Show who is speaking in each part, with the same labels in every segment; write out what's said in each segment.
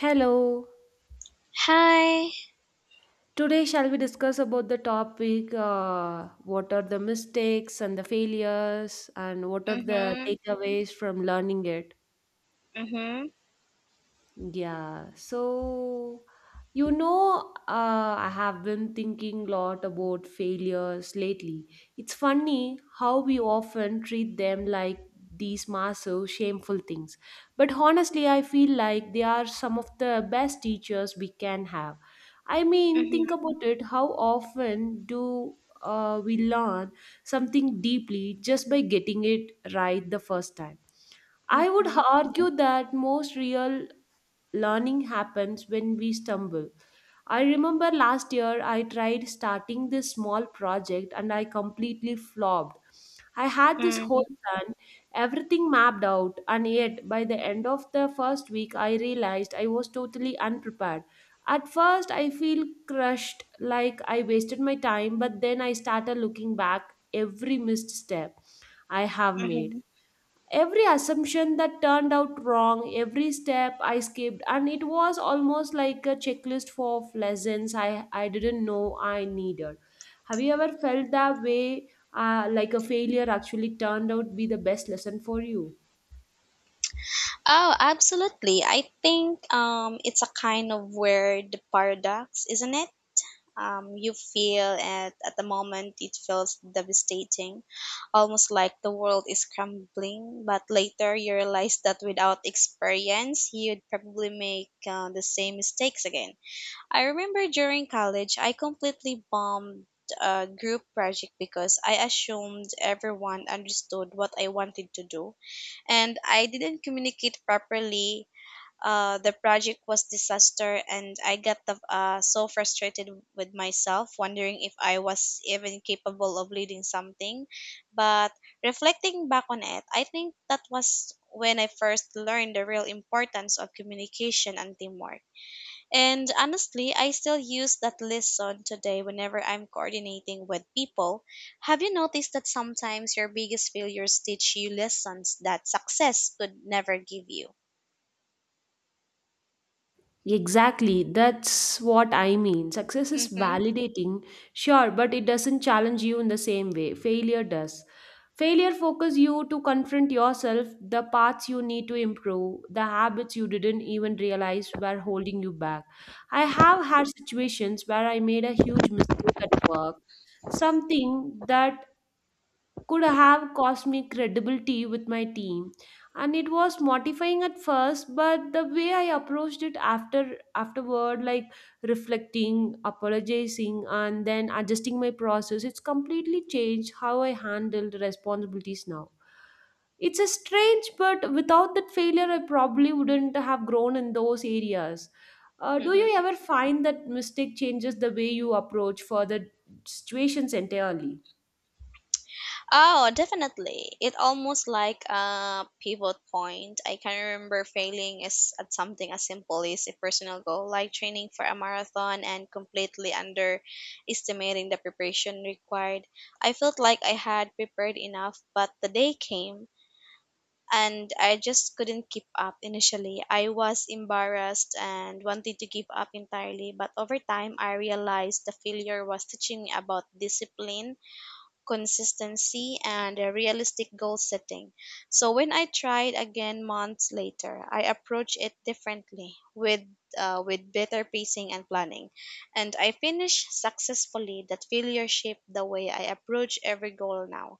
Speaker 1: Hello.
Speaker 2: Hi.
Speaker 1: Today, shall we discuss about the topic? What are the mistakes and the failures, and what are the
Speaker 2: Mhm.
Speaker 1: takeaways from learning it?
Speaker 2: Mhm.
Speaker 1: Yeah, so I have been thinking a lot about failures lately. It's funny how we often treat them like these massive, shameful things. But honestly, I feel like they are some of the best teachers we can have. I mean,
Speaker 2: Mhm.
Speaker 1: think about it. How often do we learn something deeply just by getting it right the first time? I would
Speaker 2: Mhm.
Speaker 1: argue that most real learning happens when we stumble. I remember last year I tried starting this small project and I completely flopped. I had this whole
Speaker 2: Mm.
Speaker 1: plan, everything mapped out, and yet by the end of the first week I realized I was totally unprepared. At first I feel crushed like I wasted my time, but then I started looking back every missed step I have made,
Speaker 2: Mhm.
Speaker 1: every assumption that turned out wrong, every step I skipped. And it was almost like a checklist for of lessons I didn't know I needed. Have you ever felt that way? Like a failure actually turned out to be the best lesson for you?
Speaker 2: Oh, absolutely. I think it's a kind of weird paradox, isn't it? You feel at the moment it feels devastating, almost like the world is crumbling. But later you realize that without experience, you'd probably make the same mistakes again. I remember during college, I completely bombed a group project because I assumed everyone understood what I wanted to do and I didn't communicate properly. The project was disaster and I got so frustrated with myself wondering if I was even capable of leading something. But reflecting back on it, I think that was when I first learned the real importance of communication and teamwork. And honestly, I still use that lesson today whenever I'm coordinating with people. Have you noticed that sometimes your biggest failures teach you lessons that success could never give you?
Speaker 1: Exactly, that's what I mean. Success is
Speaker 2: Mm-hmm.
Speaker 1: validating, sure, but it doesn't challenge you in the same way. Failure does. Failure focuses you to confront yourself, the paths you need to improve, the habits you didn't even realize were holding you back. I have had situations where I made a huge mistake at work, something that could have cost me credibility with my team, and it was mortifying at first. But the way I approached it afterward, like reflecting, apologizing, and then adjusting my process, it's completely changed how I handled responsibilities now. It's a strange but without that failure I probably wouldn't have grown in those areas. Do you
Speaker 2: Mm-hmm.
Speaker 1: ever find that mistake changes the way you approach further situations entirely?
Speaker 2: Oh, definitely. It almost like a pivot point. I can remember failing is at something as simple as a personal goal, like training for a marathon and completely underestimating the preparation required. I felt like I had prepared enough, but the day came and I just couldn't keep up initially. I was embarrassed and wanted to give up entirely, but over time I realized the failure was teaching me about discipline consistency, and a realistic goal setting. So when I tried again months later, I approached it differently with with better pacing and planning, and I finished successfully. That failure shaped the way I approach every goal now.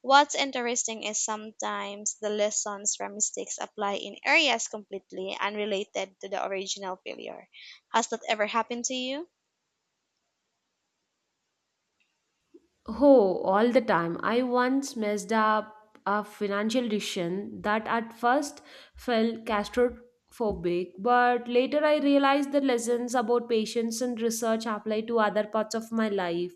Speaker 2: What's interesting is sometimes the lessons from mistakes apply in areas completely unrelated to the original failure. Has that ever happened to you?
Speaker 1: Oh, all the time. I once messed up a financial decision that at first felt claustrophobic, but later I realized the lessons about patience and research apply to other parts of my life,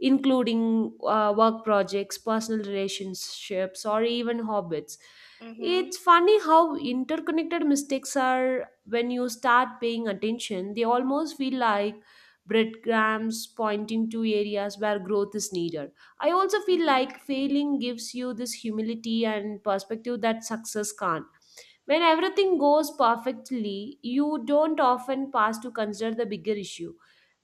Speaker 1: including work projects, personal relationships, or even hobbies.
Speaker 2: Mm-hmm.
Speaker 1: It's funny how interconnected mistakes are when you start paying attention. They almost feel like breadcrumbs pointing to areas where growth is needed. I also feel like failing gives you this humility and perspective that success can't. When everything goes perfectly, you don't often pause to consider the bigger issue.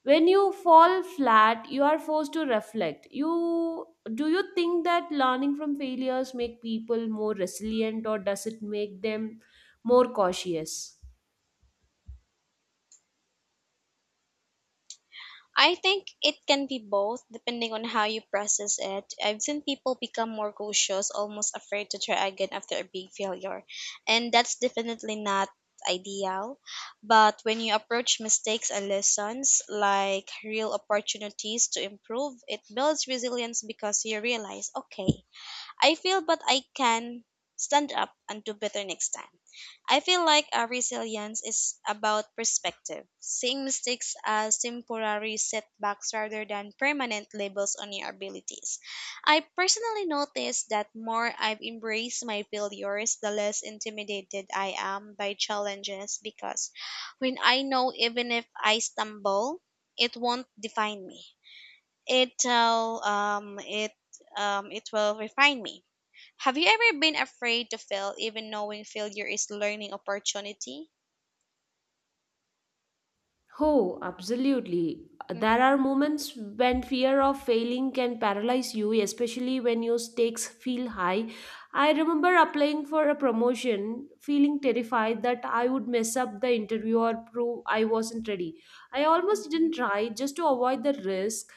Speaker 1: When you fall flat, you are forced to reflect. You Do you think that learning from failures make people more resilient, or does it make them more cautious?
Speaker 2: I think it can be both depending on how you process it. I've seen people become more cautious, almost afraid to try again after a big failure. And that's definitely not ideal. But when you approach mistakes and lessons like real opportunities to improve, it builds resilience because you realize, okay, I feel, but I can stand up and do better next time. I feel like our resilience is about perspective, seeing mistakes as temporary setbacks rather than permanent labels on your abilities. I personally noticed that more I've embraced my failures, the less intimidated I am by challenges because when I know even if I stumble, it won't define me. It'll um it it will refine me. Have you ever been afraid to fail, even knowing failure is learning opportunity?
Speaker 1: Oh, absolutely. There are
Speaker 2: Hmm.
Speaker 1: moments when fear of failing can paralyze you, especially when your stakes feel high. I remember applying for a promotion, feeling terrified that I would mess up the interview or prove I wasn't ready. I almost didn't try just to avoid the risk.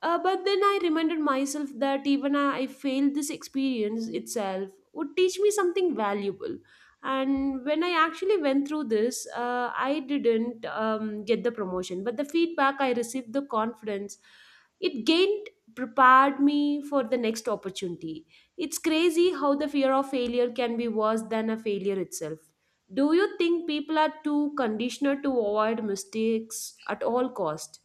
Speaker 1: But then I reminded myself that even I failed, this experience itself would teach me something valuable. And when I actually went through this, I didn't get the promotion, but the feedback I received, the confidence it gained, prepared me for the next opportunity. It's crazy how the fear of failure can be worse than a failure itself. Do you think people are too conditioned to avoid mistakes at all cost?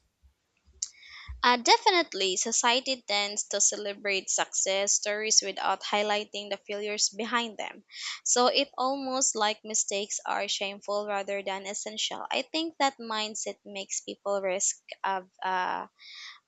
Speaker 2: Definitely, society tends to celebrate success stories without highlighting the failures behind them. So it almost like mistakes are shameful rather than essential. I think that mindset makes people risk of uh,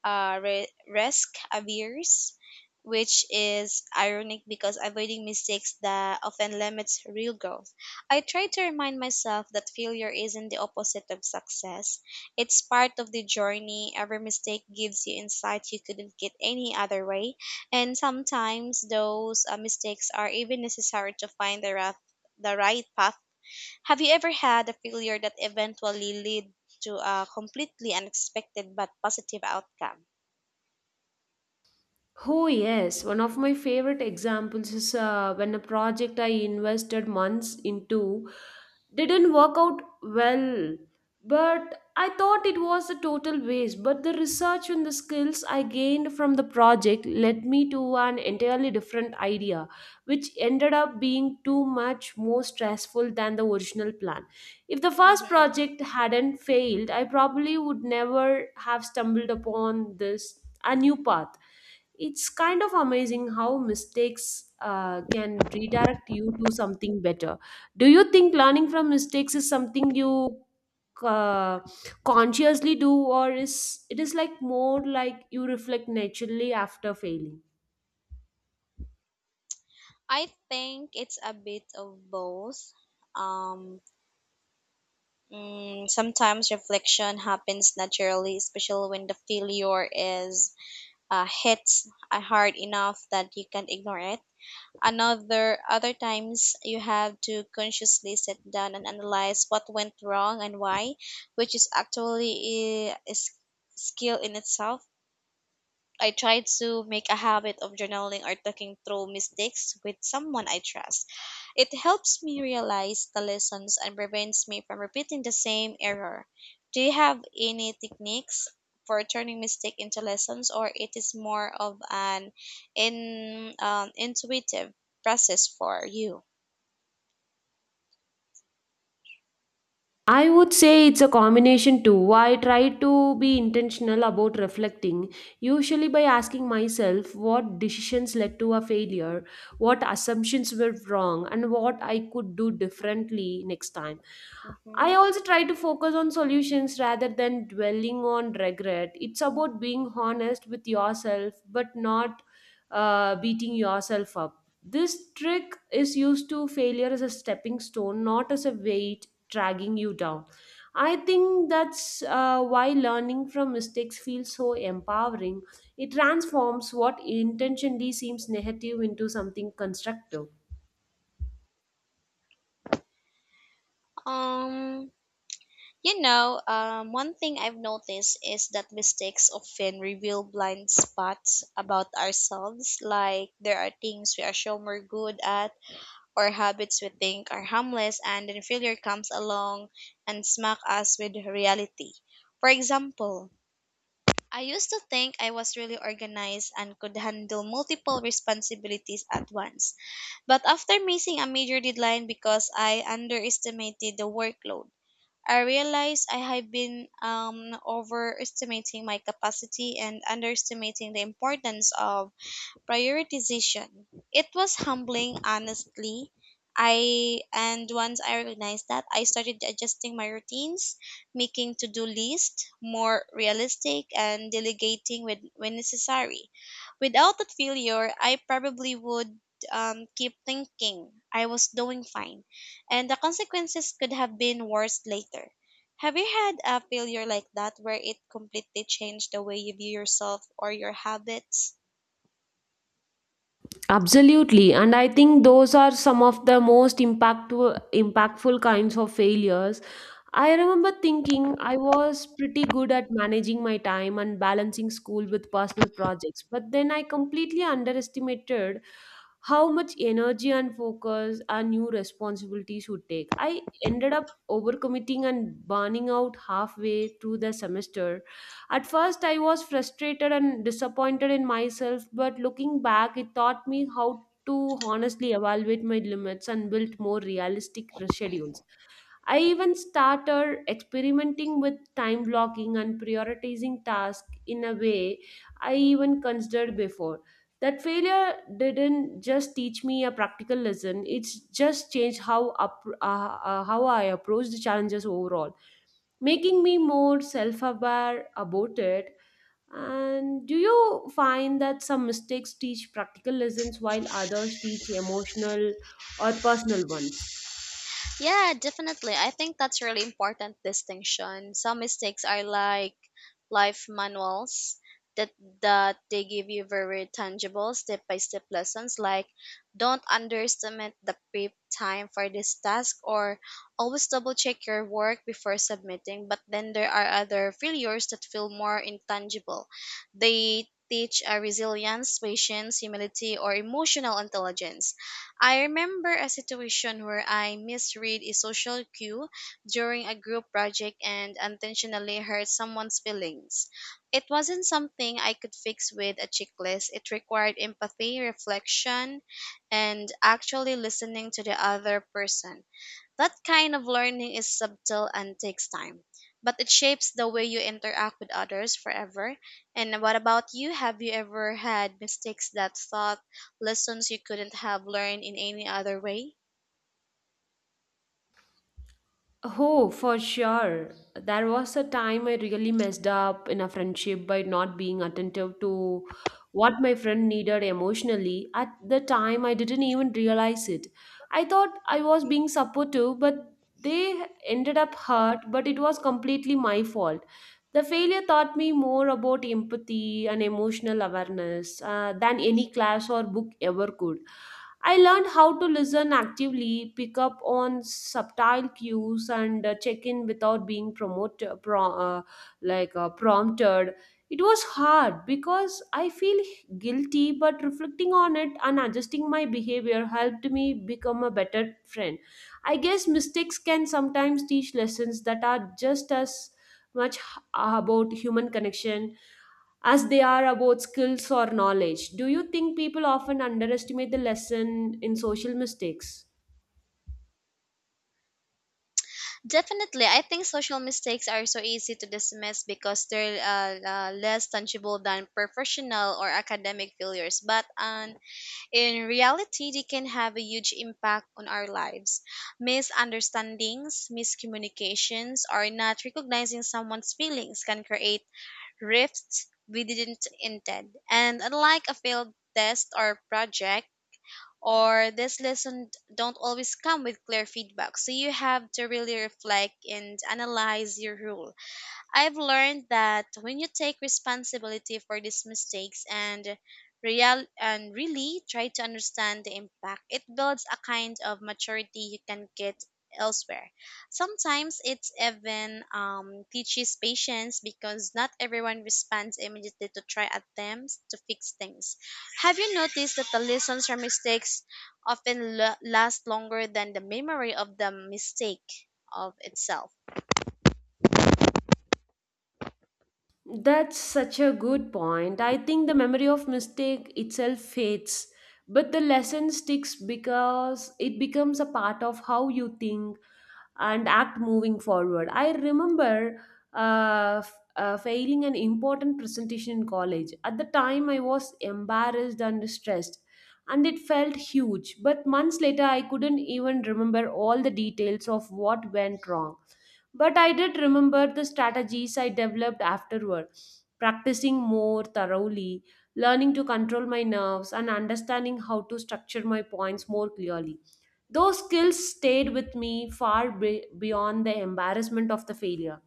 Speaker 2: uh, re- risk averse, which is ironic because avoiding mistakes that often limits real growth. I try to remind myself that failure isn't the opposite of success. It's part of the journey. Every mistake gives you insight you couldn't get any other way. And sometimes those mistakes are even necessary to find the right path. Have you ever had a failure that eventually led to a completely unexpected but positive outcome?
Speaker 1: Oh, yes. One of my favorite examples is when a project I invested months into didn't work out well. But I thought it was a total waste. But the research and the skills I gained from the project led me to an entirely different idea, which ended up being too much more stressful than the original plan. If the first
Speaker 2: Hmm.
Speaker 1: project hadn't failed, I probably would never have stumbled upon this a new path. It's kind of amazing how mistakes can redirect you to something better. Do you think learning from mistakes is something you uh, consciously do, or is it is like more like you reflect naturally after failing?
Speaker 2: I think it's a bit of both. Um, Sometimes reflection happens naturally, especially when the failure is hits hard enough that you can't ignore it. Another other times you have to consciously sit down and analyze what went wrong and why, which is actually skill in itself. I try to make a habit of journaling or talking through mistakes with someone I trust. It helps me realize the lessons and prevents me from repeating the same error. Do you have any techniques for turning mistake into lessons, or it is more of an in intuitive process for you?
Speaker 1: I would say it's a combination too. I try to be intentional about reflecting, usually by asking myself what decisions led to a failure, what assumptions were wrong, and what I could do differently next time. I
Speaker 2: Mhm.
Speaker 1: also try to focus on solutions rather than dwelling on regret. It's about being honest with yourself but not beating yourself up. This trick is used to failure as a stepping stone, not as a weight dragging you down. I think that's why learning from mistakes feels so empowering. It transforms what intentionally seems negative into something constructive.
Speaker 2: Um, You know, one thing I've noticed is that mistakes often reveal blind spots about ourselves. Like, there are things we assume we're good at or habits we think are harmless, and then failure comes along and smack us with reality. For example, I used to think I was really organized and could handle multiple responsibilities at once. But after missing a major deadline because I underestimated the workload, I realized I have been overestimating my capacity and underestimating the importance of prioritization. It was humbling, honestly. I and once I recognized that, I started adjusting my routines, making to-do lists more realistic and delegating with, when necessary. Without that failure, I probably would keep thinking I was doing fine, and the consequences could have been worse later. Have you had a failure like that where it completely changed the way you view yourself or your habits?
Speaker 1: Absolutely, and I think those are some of the most impactful kinds of failures. I remember thinking I was pretty good at managing my time and balancing school with personal projects, but then I completely underestimated how much energy and focus our new responsibilities would take. I ended up overcommitting and burning out halfway through the semester. At first, I was frustrated and disappointed in myself, but looking back, it taught me how to honestly evaluate my limits and build more realistic schedules. I even started experimenting with time blocking and prioritizing tasks in a way I even considered before. That failure didn't just teach me a practical lesson, it's just changed how I approach the challenges overall, making me more self aware about it. And do you find that some mistakes teach practical lessons while others teach emotional or personal ones?
Speaker 2: Yeah, definitely. I think that's really important distinction. Some mistakes are like life manuals that that they give you very tangible step by step lessons like don't underestimate the prep time for this task or always double check your work before submitting. But then there are other failures that feel more intangible. They teach a resilience, patience, humility, or emotional intelligence. I remember a situation where I misread a social cue during a group project and unintentionally hurt someone's feelings. It wasn't something I could fix with a checklist. It required empathy, reflection, and actually listening to the other person. That kind of learning is subtle and takes time, but it shapes the way you interact with others forever. And what about you? Have you ever had mistakes that taught lessons you couldn't have learned in any other way?
Speaker 1: Oh, for sure. There was a time I really messed up in a friendship by not being attentive to what my friend needed emotionally. At the time, I didn't even realize it. I thought I was being supportive, but they ended up hurt, but it was completely my fault. The failure taught me more about empathy and emotional awareness than any class or book ever could. I learned how to listen actively, pick up on subtle cues, and check in without being promoted, pro- like prompted. It was hard because I feel guilty, but reflecting on it and adjusting my behavior helped me become a better friend. I guess mistakes can sometimes teach lessons that are just as much about human connection as they are about skills or knowledge. Do you think people often underestimate the lesson in social mistakes?
Speaker 2: Definitely, I think social mistakes are so easy to dismiss because they're less tangible than professional or academic failures. But on in reality, they can have a huge impact on our lives. Misunderstandings, miscommunications, or not recognizing someone's feelings can create rifts we didn't intend. And unlike a failed test or project, or this lesson don't always come with clear feedback. So you have to really reflect and analyze your rule. I've learned that when you take responsibility for these mistakes and really try to understand the impact, it builds a kind of maturity you can get elsewhere. Sometimes it's even teaches patience because not everyone responds immediately to try attempts to fix things. Have you noticed that the lessons from mistakes often last longer than the memory of the mistake of itself?
Speaker 1: That's such a good point. I think the memory of mistake itself fades, but the lesson sticks because it becomes a part of how you think and act moving forward. I remember failing an important presentation in college. At the time, I was embarrassed and stressed, and it felt huge. But months later, I couldn't even remember all the details of what went wrong. But I did remember the strategies I developed afterward, practicing more thoroughly, learning to control my nerves, and understanding how to structure my points more clearly. Those skills stayed with me far beyond the embarrassment of the failure.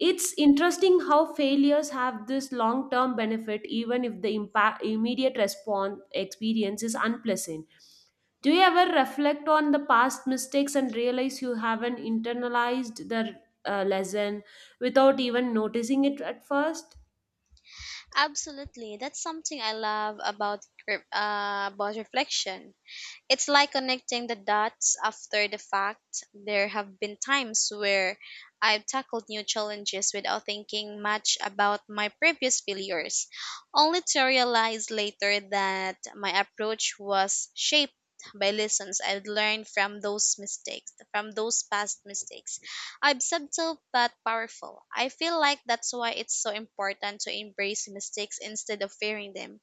Speaker 1: It's interesting how failures have this long term benefit, even if the impact, immediate response experience is unpleasant. Do you ever reflect on the past mistakes and realize you haven't internalized the lesson without even noticing it at first?
Speaker 2: Absolutely, that's something I love about about reflection. It's like connecting the dots after the fact. There have been times where I've tackled new challenges without thinking much about my previous failures, only to realize later that my approach was shaped by lessons I've learned from those mistakes, from those past mistakes. I'm subtle but powerful. I feel like that's why it's so important to embrace mistakes instead of fearing them.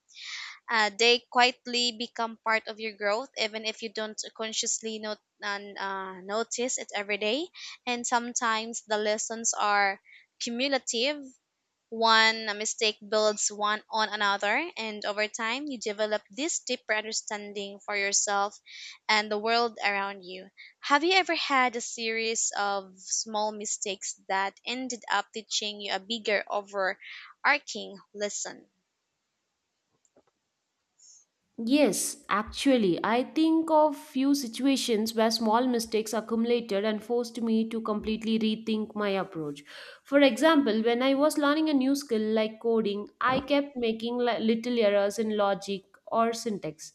Speaker 2: They quietly become part of your growth, even if you don't consciously not, notice it every day. And sometimes the lessons are cumulative. One mistake builds one on another, and over time, you develop this deeper understanding for yourself and the world around you. Have you ever had a series of small mistakes that ended up teaching you a bigger, overarching lesson?
Speaker 1: Yes, actually, I think of few situations where small mistakes accumulated and forced me to completely rethink my approach. For example, when I was learning a new skill like coding, I kept making little errors in logic or syntax.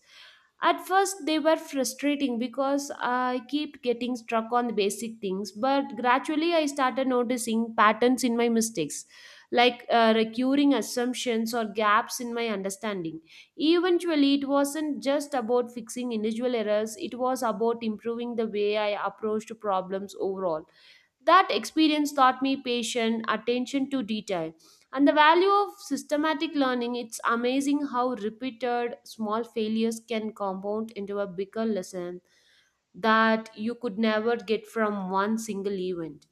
Speaker 1: At first, they were frustrating because I kept getting stuck on the basic things, but gradually I started noticing patterns in my mistakes, like recurring assumptions or gaps in my understanding. Eventually, it wasn't just about fixing individual errors, it was about improving the way I approached problems overall. That experience taught me patience, attention to detail, and the value of systematic learning. It's amazing how repeated small failures can compound into a bigger lesson that you could never get from one single event.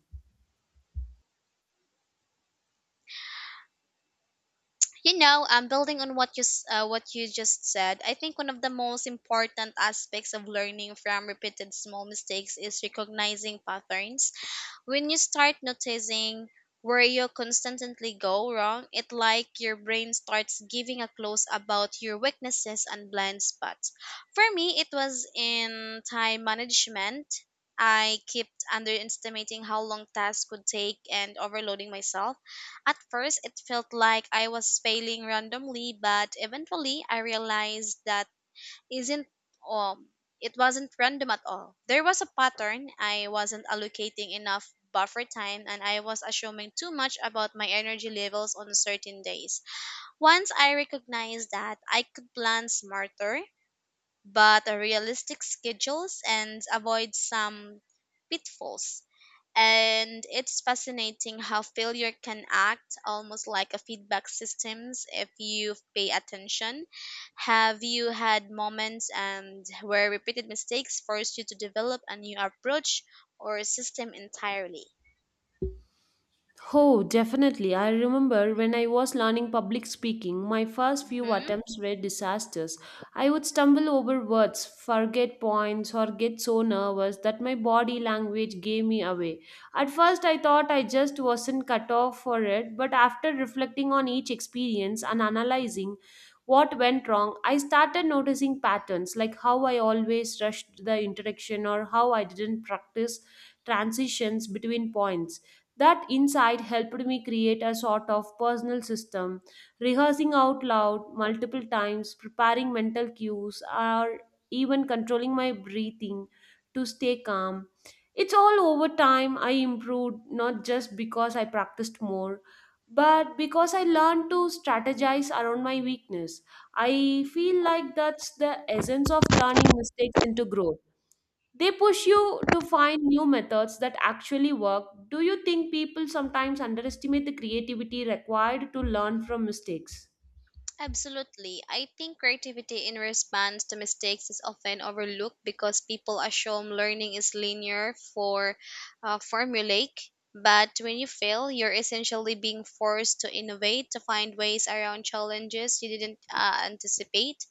Speaker 2: You know, building on what what you just said, I think one of the most important aspects of learning from repeated small mistakes is recognizing patterns. When you start noticing where you constantly go wrong, it like your brain starts giving a clues about your weaknesses and blind spots. For me, it was in time management. I kept underestimating how long tasks could take and overloading myself. At first, it felt like I was failing randomly, but eventually, I realized that isn't um it wasn't random at all. There was a pattern. I wasn't allocating enough buffer time and I was assuming too much about my energy levels on certain days. Once I recognized that, I could plan smarter, but realistic schedules and avoid some pitfalls. And it's fascinating how failure can act almost like a feedback systems if you pay attention. Have you had moments and where repeated mistakes forced you to develop a new approach or system entirely?
Speaker 1: Oh, definitely. I remember when I was learning public speaking, my first few
Speaker 2: Mm-hmm.
Speaker 1: attempts were disasters. I would stumble over words, forget points, or get so nervous that my body language gave me away. At first, I thought I just wasn't cut off for it, but after reflecting on each experience and analyzing what went wrong, I started noticing patterns like how I always rushed the interaction or how I didn't practice transitions between points. That insight helped me create a sort of personal system. Rehearsing out loud multiple times, preparing mental cues, or even controlling my breathing to stay calm. It's all over time I improved, not just because I practiced more, but because I learned to strategize around my weakness. I feel like that's the essence of turning mistakes into growth. They push you to find new methods that actually work. Do you think people sometimes underestimate the creativity required to learn from mistakes?
Speaker 2: Absolutely. I think creativity in response to mistakes is often overlooked because people assume learning is linear for formulaic. But when you fail, you're essentially being forced to innovate, to find ways around challenges you didn't anticipate.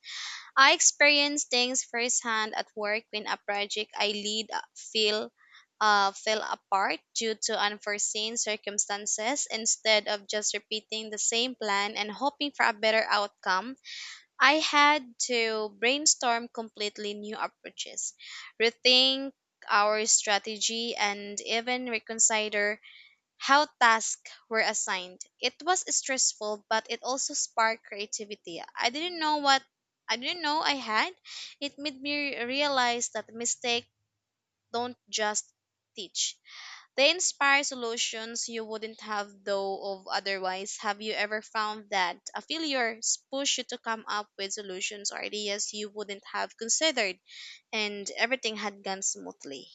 Speaker 2: I experience things firsthand at work when a project I lead fell apart due to unforeseen circumstances. Instead of just repeating the same plan and hoping for a better outcome, I had to brainstorm completely new approaches, rethink our strategy, and even reconsider how tasks were assigned. It was stressful, but it also sparked creativity. I didn't know I had. It made me realize that mistakes don't just teach. They inspire solutions you wouldn't have though of otherwise. Have you ever found that a failure pushed you to come up with solutions or ideas you wouldn't have considered and everything had gone smoothly?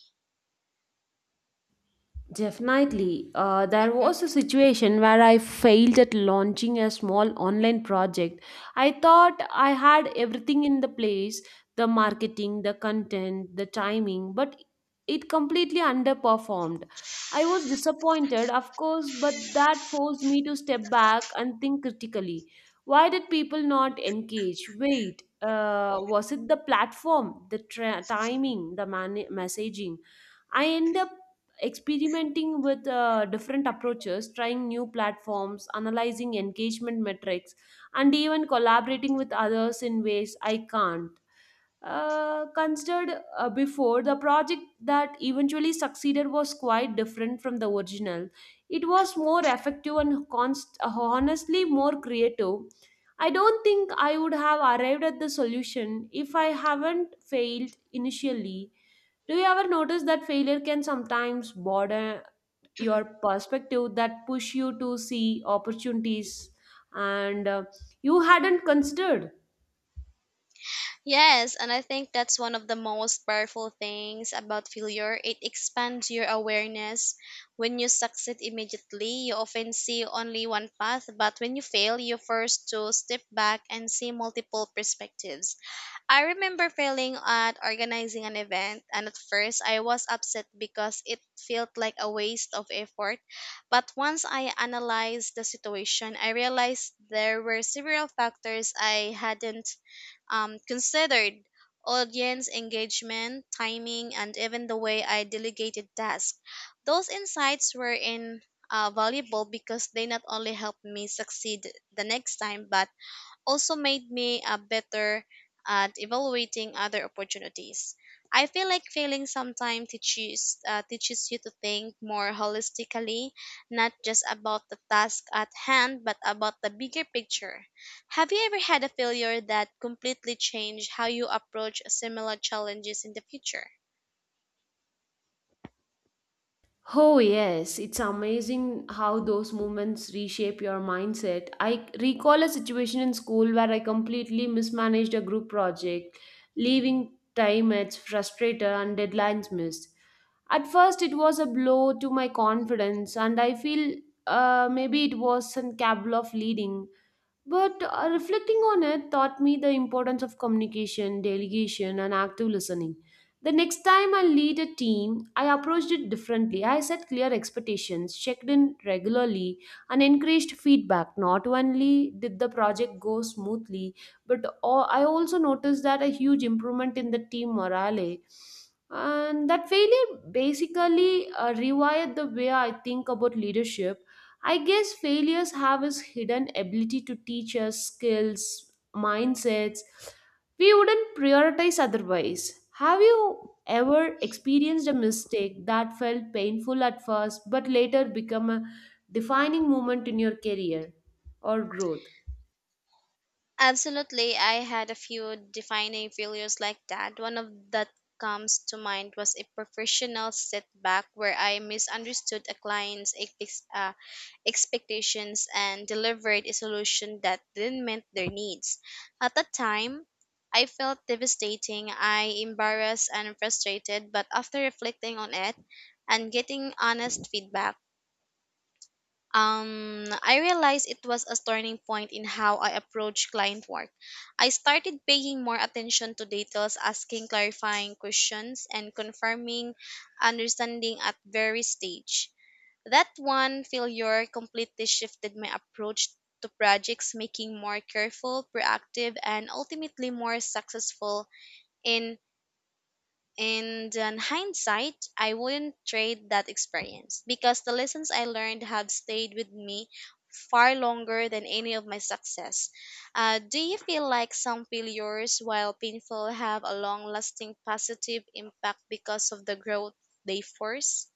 Speaker 1: Definitely. There was a situation where I failed at launching a small online project. I thought I had everything in the place: the marketing, the content, the timing, but it completely underperformed. I was disappointed, of course, but that forced me to step back and think critically. Why did people not engage? Wait, was it the platform, the timing, the messaging? I end up experimenting with different approaches, trying new platforms, analyzing engagement metrics, and even collaborating with others in ways I can't. Considered before, the project that eventually succeeded was quite different from the original. It was more effective and honestly more creative. I don't think I would have arrived at the solution if I haven't failed initially. Do you ever notice that failure can sometimes broaden your perspective, that push you to see opportunities and you hadn't considered?
Speaker 2: Yes, and I think that's one of the most powerful things about failure. It expands your awareness. When you succeed immediately, you often see only one path, but when you fail, you're forced to step back and see multiple perspectives. I remember failing at organizing an event, and at first I was upset because it felt like a waste of effort. But once I analyzed the situation, I realized there were several factors I hadn't considered: audience engagement, timing, and even the way I delegated tasks. Those insights were in valuable because they not only helped me succeed the next time, but also made me a better at evaluating other opportunities. I feel like failing sometimes teaches you to think more holistically, not just about the task at hand, but about the bigger picture. Have you ever had a failure that completely changed how you approach similar challenges in the future?
Speaker 1: Oh, yes, it's amazing how those moments reshape your mindset. I recall a situation in school where I completely mismanaged a group project, leaving time at frustrator and deadlines missed. At first, it was a blow to my confidence, and I feel maybe it was some cabal of leading. But reflecting on it taught me the importance of communication, delegation, and active listening. The next time I lead a team, I approached it differently. I set clear expectations, checked in regularly, and encouraged feedback. Not only did the project go smoothly, but I also noticed that a huge improvement in the team morale. And that failure basically rewired the way I think about leadership. I guess failures have this hidden ability to teach us skills, mindsets we wouldn't prioritize otherwise. Have you ever experienced a mistake that felt painful at first but later become a defining moment in your career or growth?
Speaker 2: Absolutely, I had a few defining failures like that. One of that comes to mind was a professional setback where I misunderstood a client's ex- uh, expectations and delivered a solution that didn't meet their needs. At the time, I felt devastating, I embarrassed and frustrated, but after reflecting on it and getting honest feedback, I realized it was a turning point in how I approach client work. I started paying more attention to details, asking clarifying questions, and confirming understanding at various stage. That one failure completely shifted my approach to projects, making more careful, proactive, and ultimately more successful in and in hindsight, I wouldn't trade that experience because the lessons I learned have stayed with me far longer than any of my success. Do you feel like some failures, while painful, have a long lasting positive impact because of the growth they force?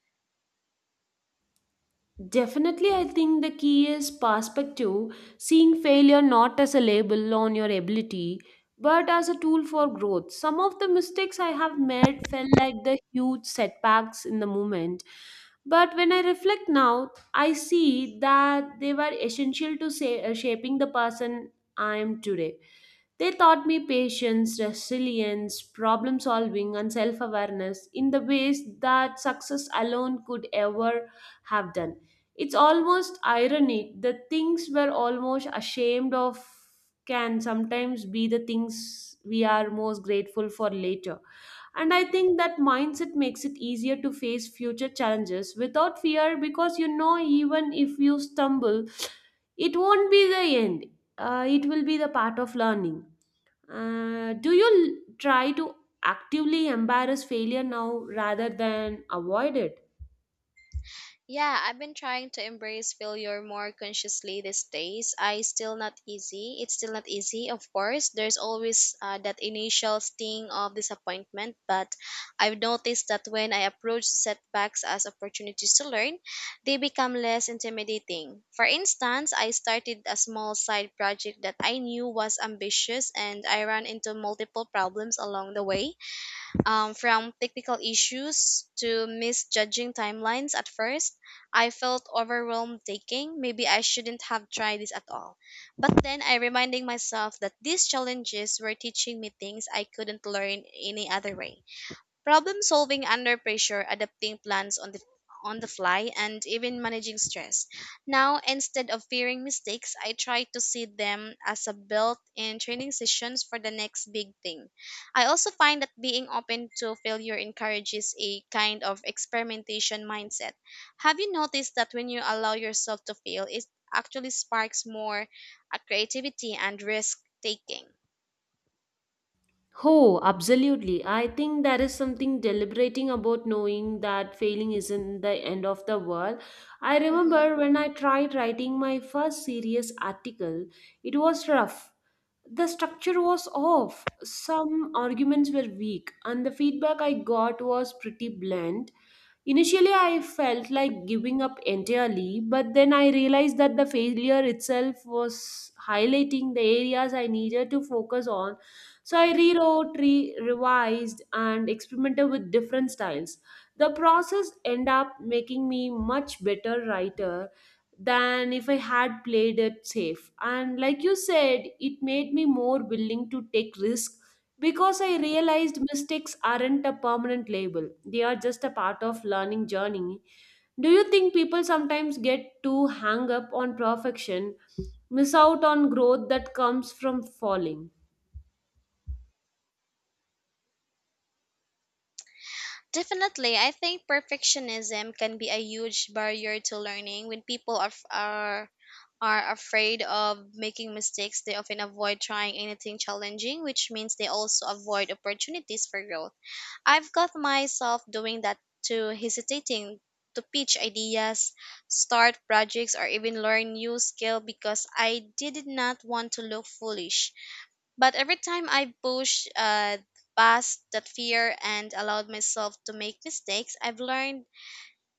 Speaker 1: Definitely, I think the key is perspective, seeing failure not as a label on your ability, but as a tool for growth. Some of the mistakes I have made felt like the huge setbacks in the moment. But when I reflect now, I see that they were essential to say, shaping the person I am today. They taught me patience, resilience, problem solving, and self awareness in the ways that success alone could ever have done. It's almost ironic the things we're almost ashamed of can sometimes be the things we are most grateful for later. And I think that mindset makes it easier to face future challenges without fear because you know, even if you stumble, it won't be the end, it will be the part of learning. Do you try to actively embrace failure now rather than avoid it?
Speaker 2: Yeah, I've been trying to embrace failure more consciously these days. I still not easy. It's still not easy, of course. There's always that initial sting of disappointment, but I've noticed that when I approach setbacks as opportunities to learn, they become less intimidating. For instance, I started a small side project that I knew was ambitious and I ran into multiple problems along the way from technical issues to misjudging timelines at first, I felt overwhelmed thinking maybe I shouldn't have tried this at all. But then I reminding myself that these challenges were teaching me things I couldn't learn any other way. Problem solving under pressure, adapting plans on the fly and even managing stress. Now, instead of fearing mistakes, I try to see them as a built-in training sessions for the next big thing. I also find that being open to failure encourages a kind of experimentation mindset. Have you noticed that when you allow yourself to fail, it actually sparks more creativity and risk taking?
Speaker 1: Oh, absolutely. I think there is something deliberating about knowing that failing isn't the end of the world. I remember when I tried writing my first serious article, it was rough. The structure was off, some arguments were weak, and the feedback I got was pretty blunt. Initially, I felt like giving up entirely, but then I realized that the failure itself was highlighting the areas I needed to focus on. So I rewrote, revised, and experimented with different styles. The process ended up making me much better writer than if I had played it safe. And like you said, it made me more willing to take risks because I realized mistakes aren't a permanent label, they are just a part of learning journey. Do you think people sometimes get too hung up on perfection, miss out on growth that comes from falling?
Speaker 2: Definitely, I think perfectionism can be a huge barrier to learning. When people are f- are afraid of making mistakes, they often avoid trying anything challenging, which means they also avoid opportunities for growth. I've got myself doing that too, hesitating to pitch ideas, start projects, or even learn new skill because I did not want to look foolish. But every time I pushed past that fear and allowed myself to make mistakes, I've learned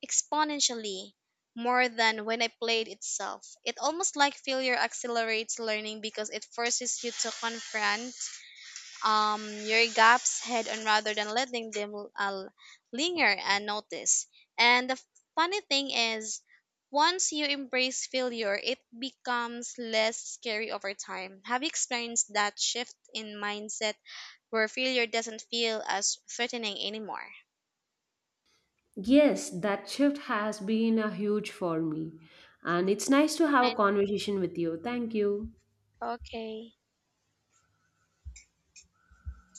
Speaker 2: exponentially more than when I played itself. It almost like failure accelerates learning because it forces you to confront your gaps head on rather than letting them linger unnoticed. And the funny thing is, once you embrace failure, it becomes less scary over time. Have you experienced that shift in mindset where failure doesn't feel as threatening anymore?
Speaker 1: Yes, that shift has been a huge for me. And it's nice to have a
Speaker 2: And,
Speaker 1: conversation with you. Thank you.
Speaker 2: okay.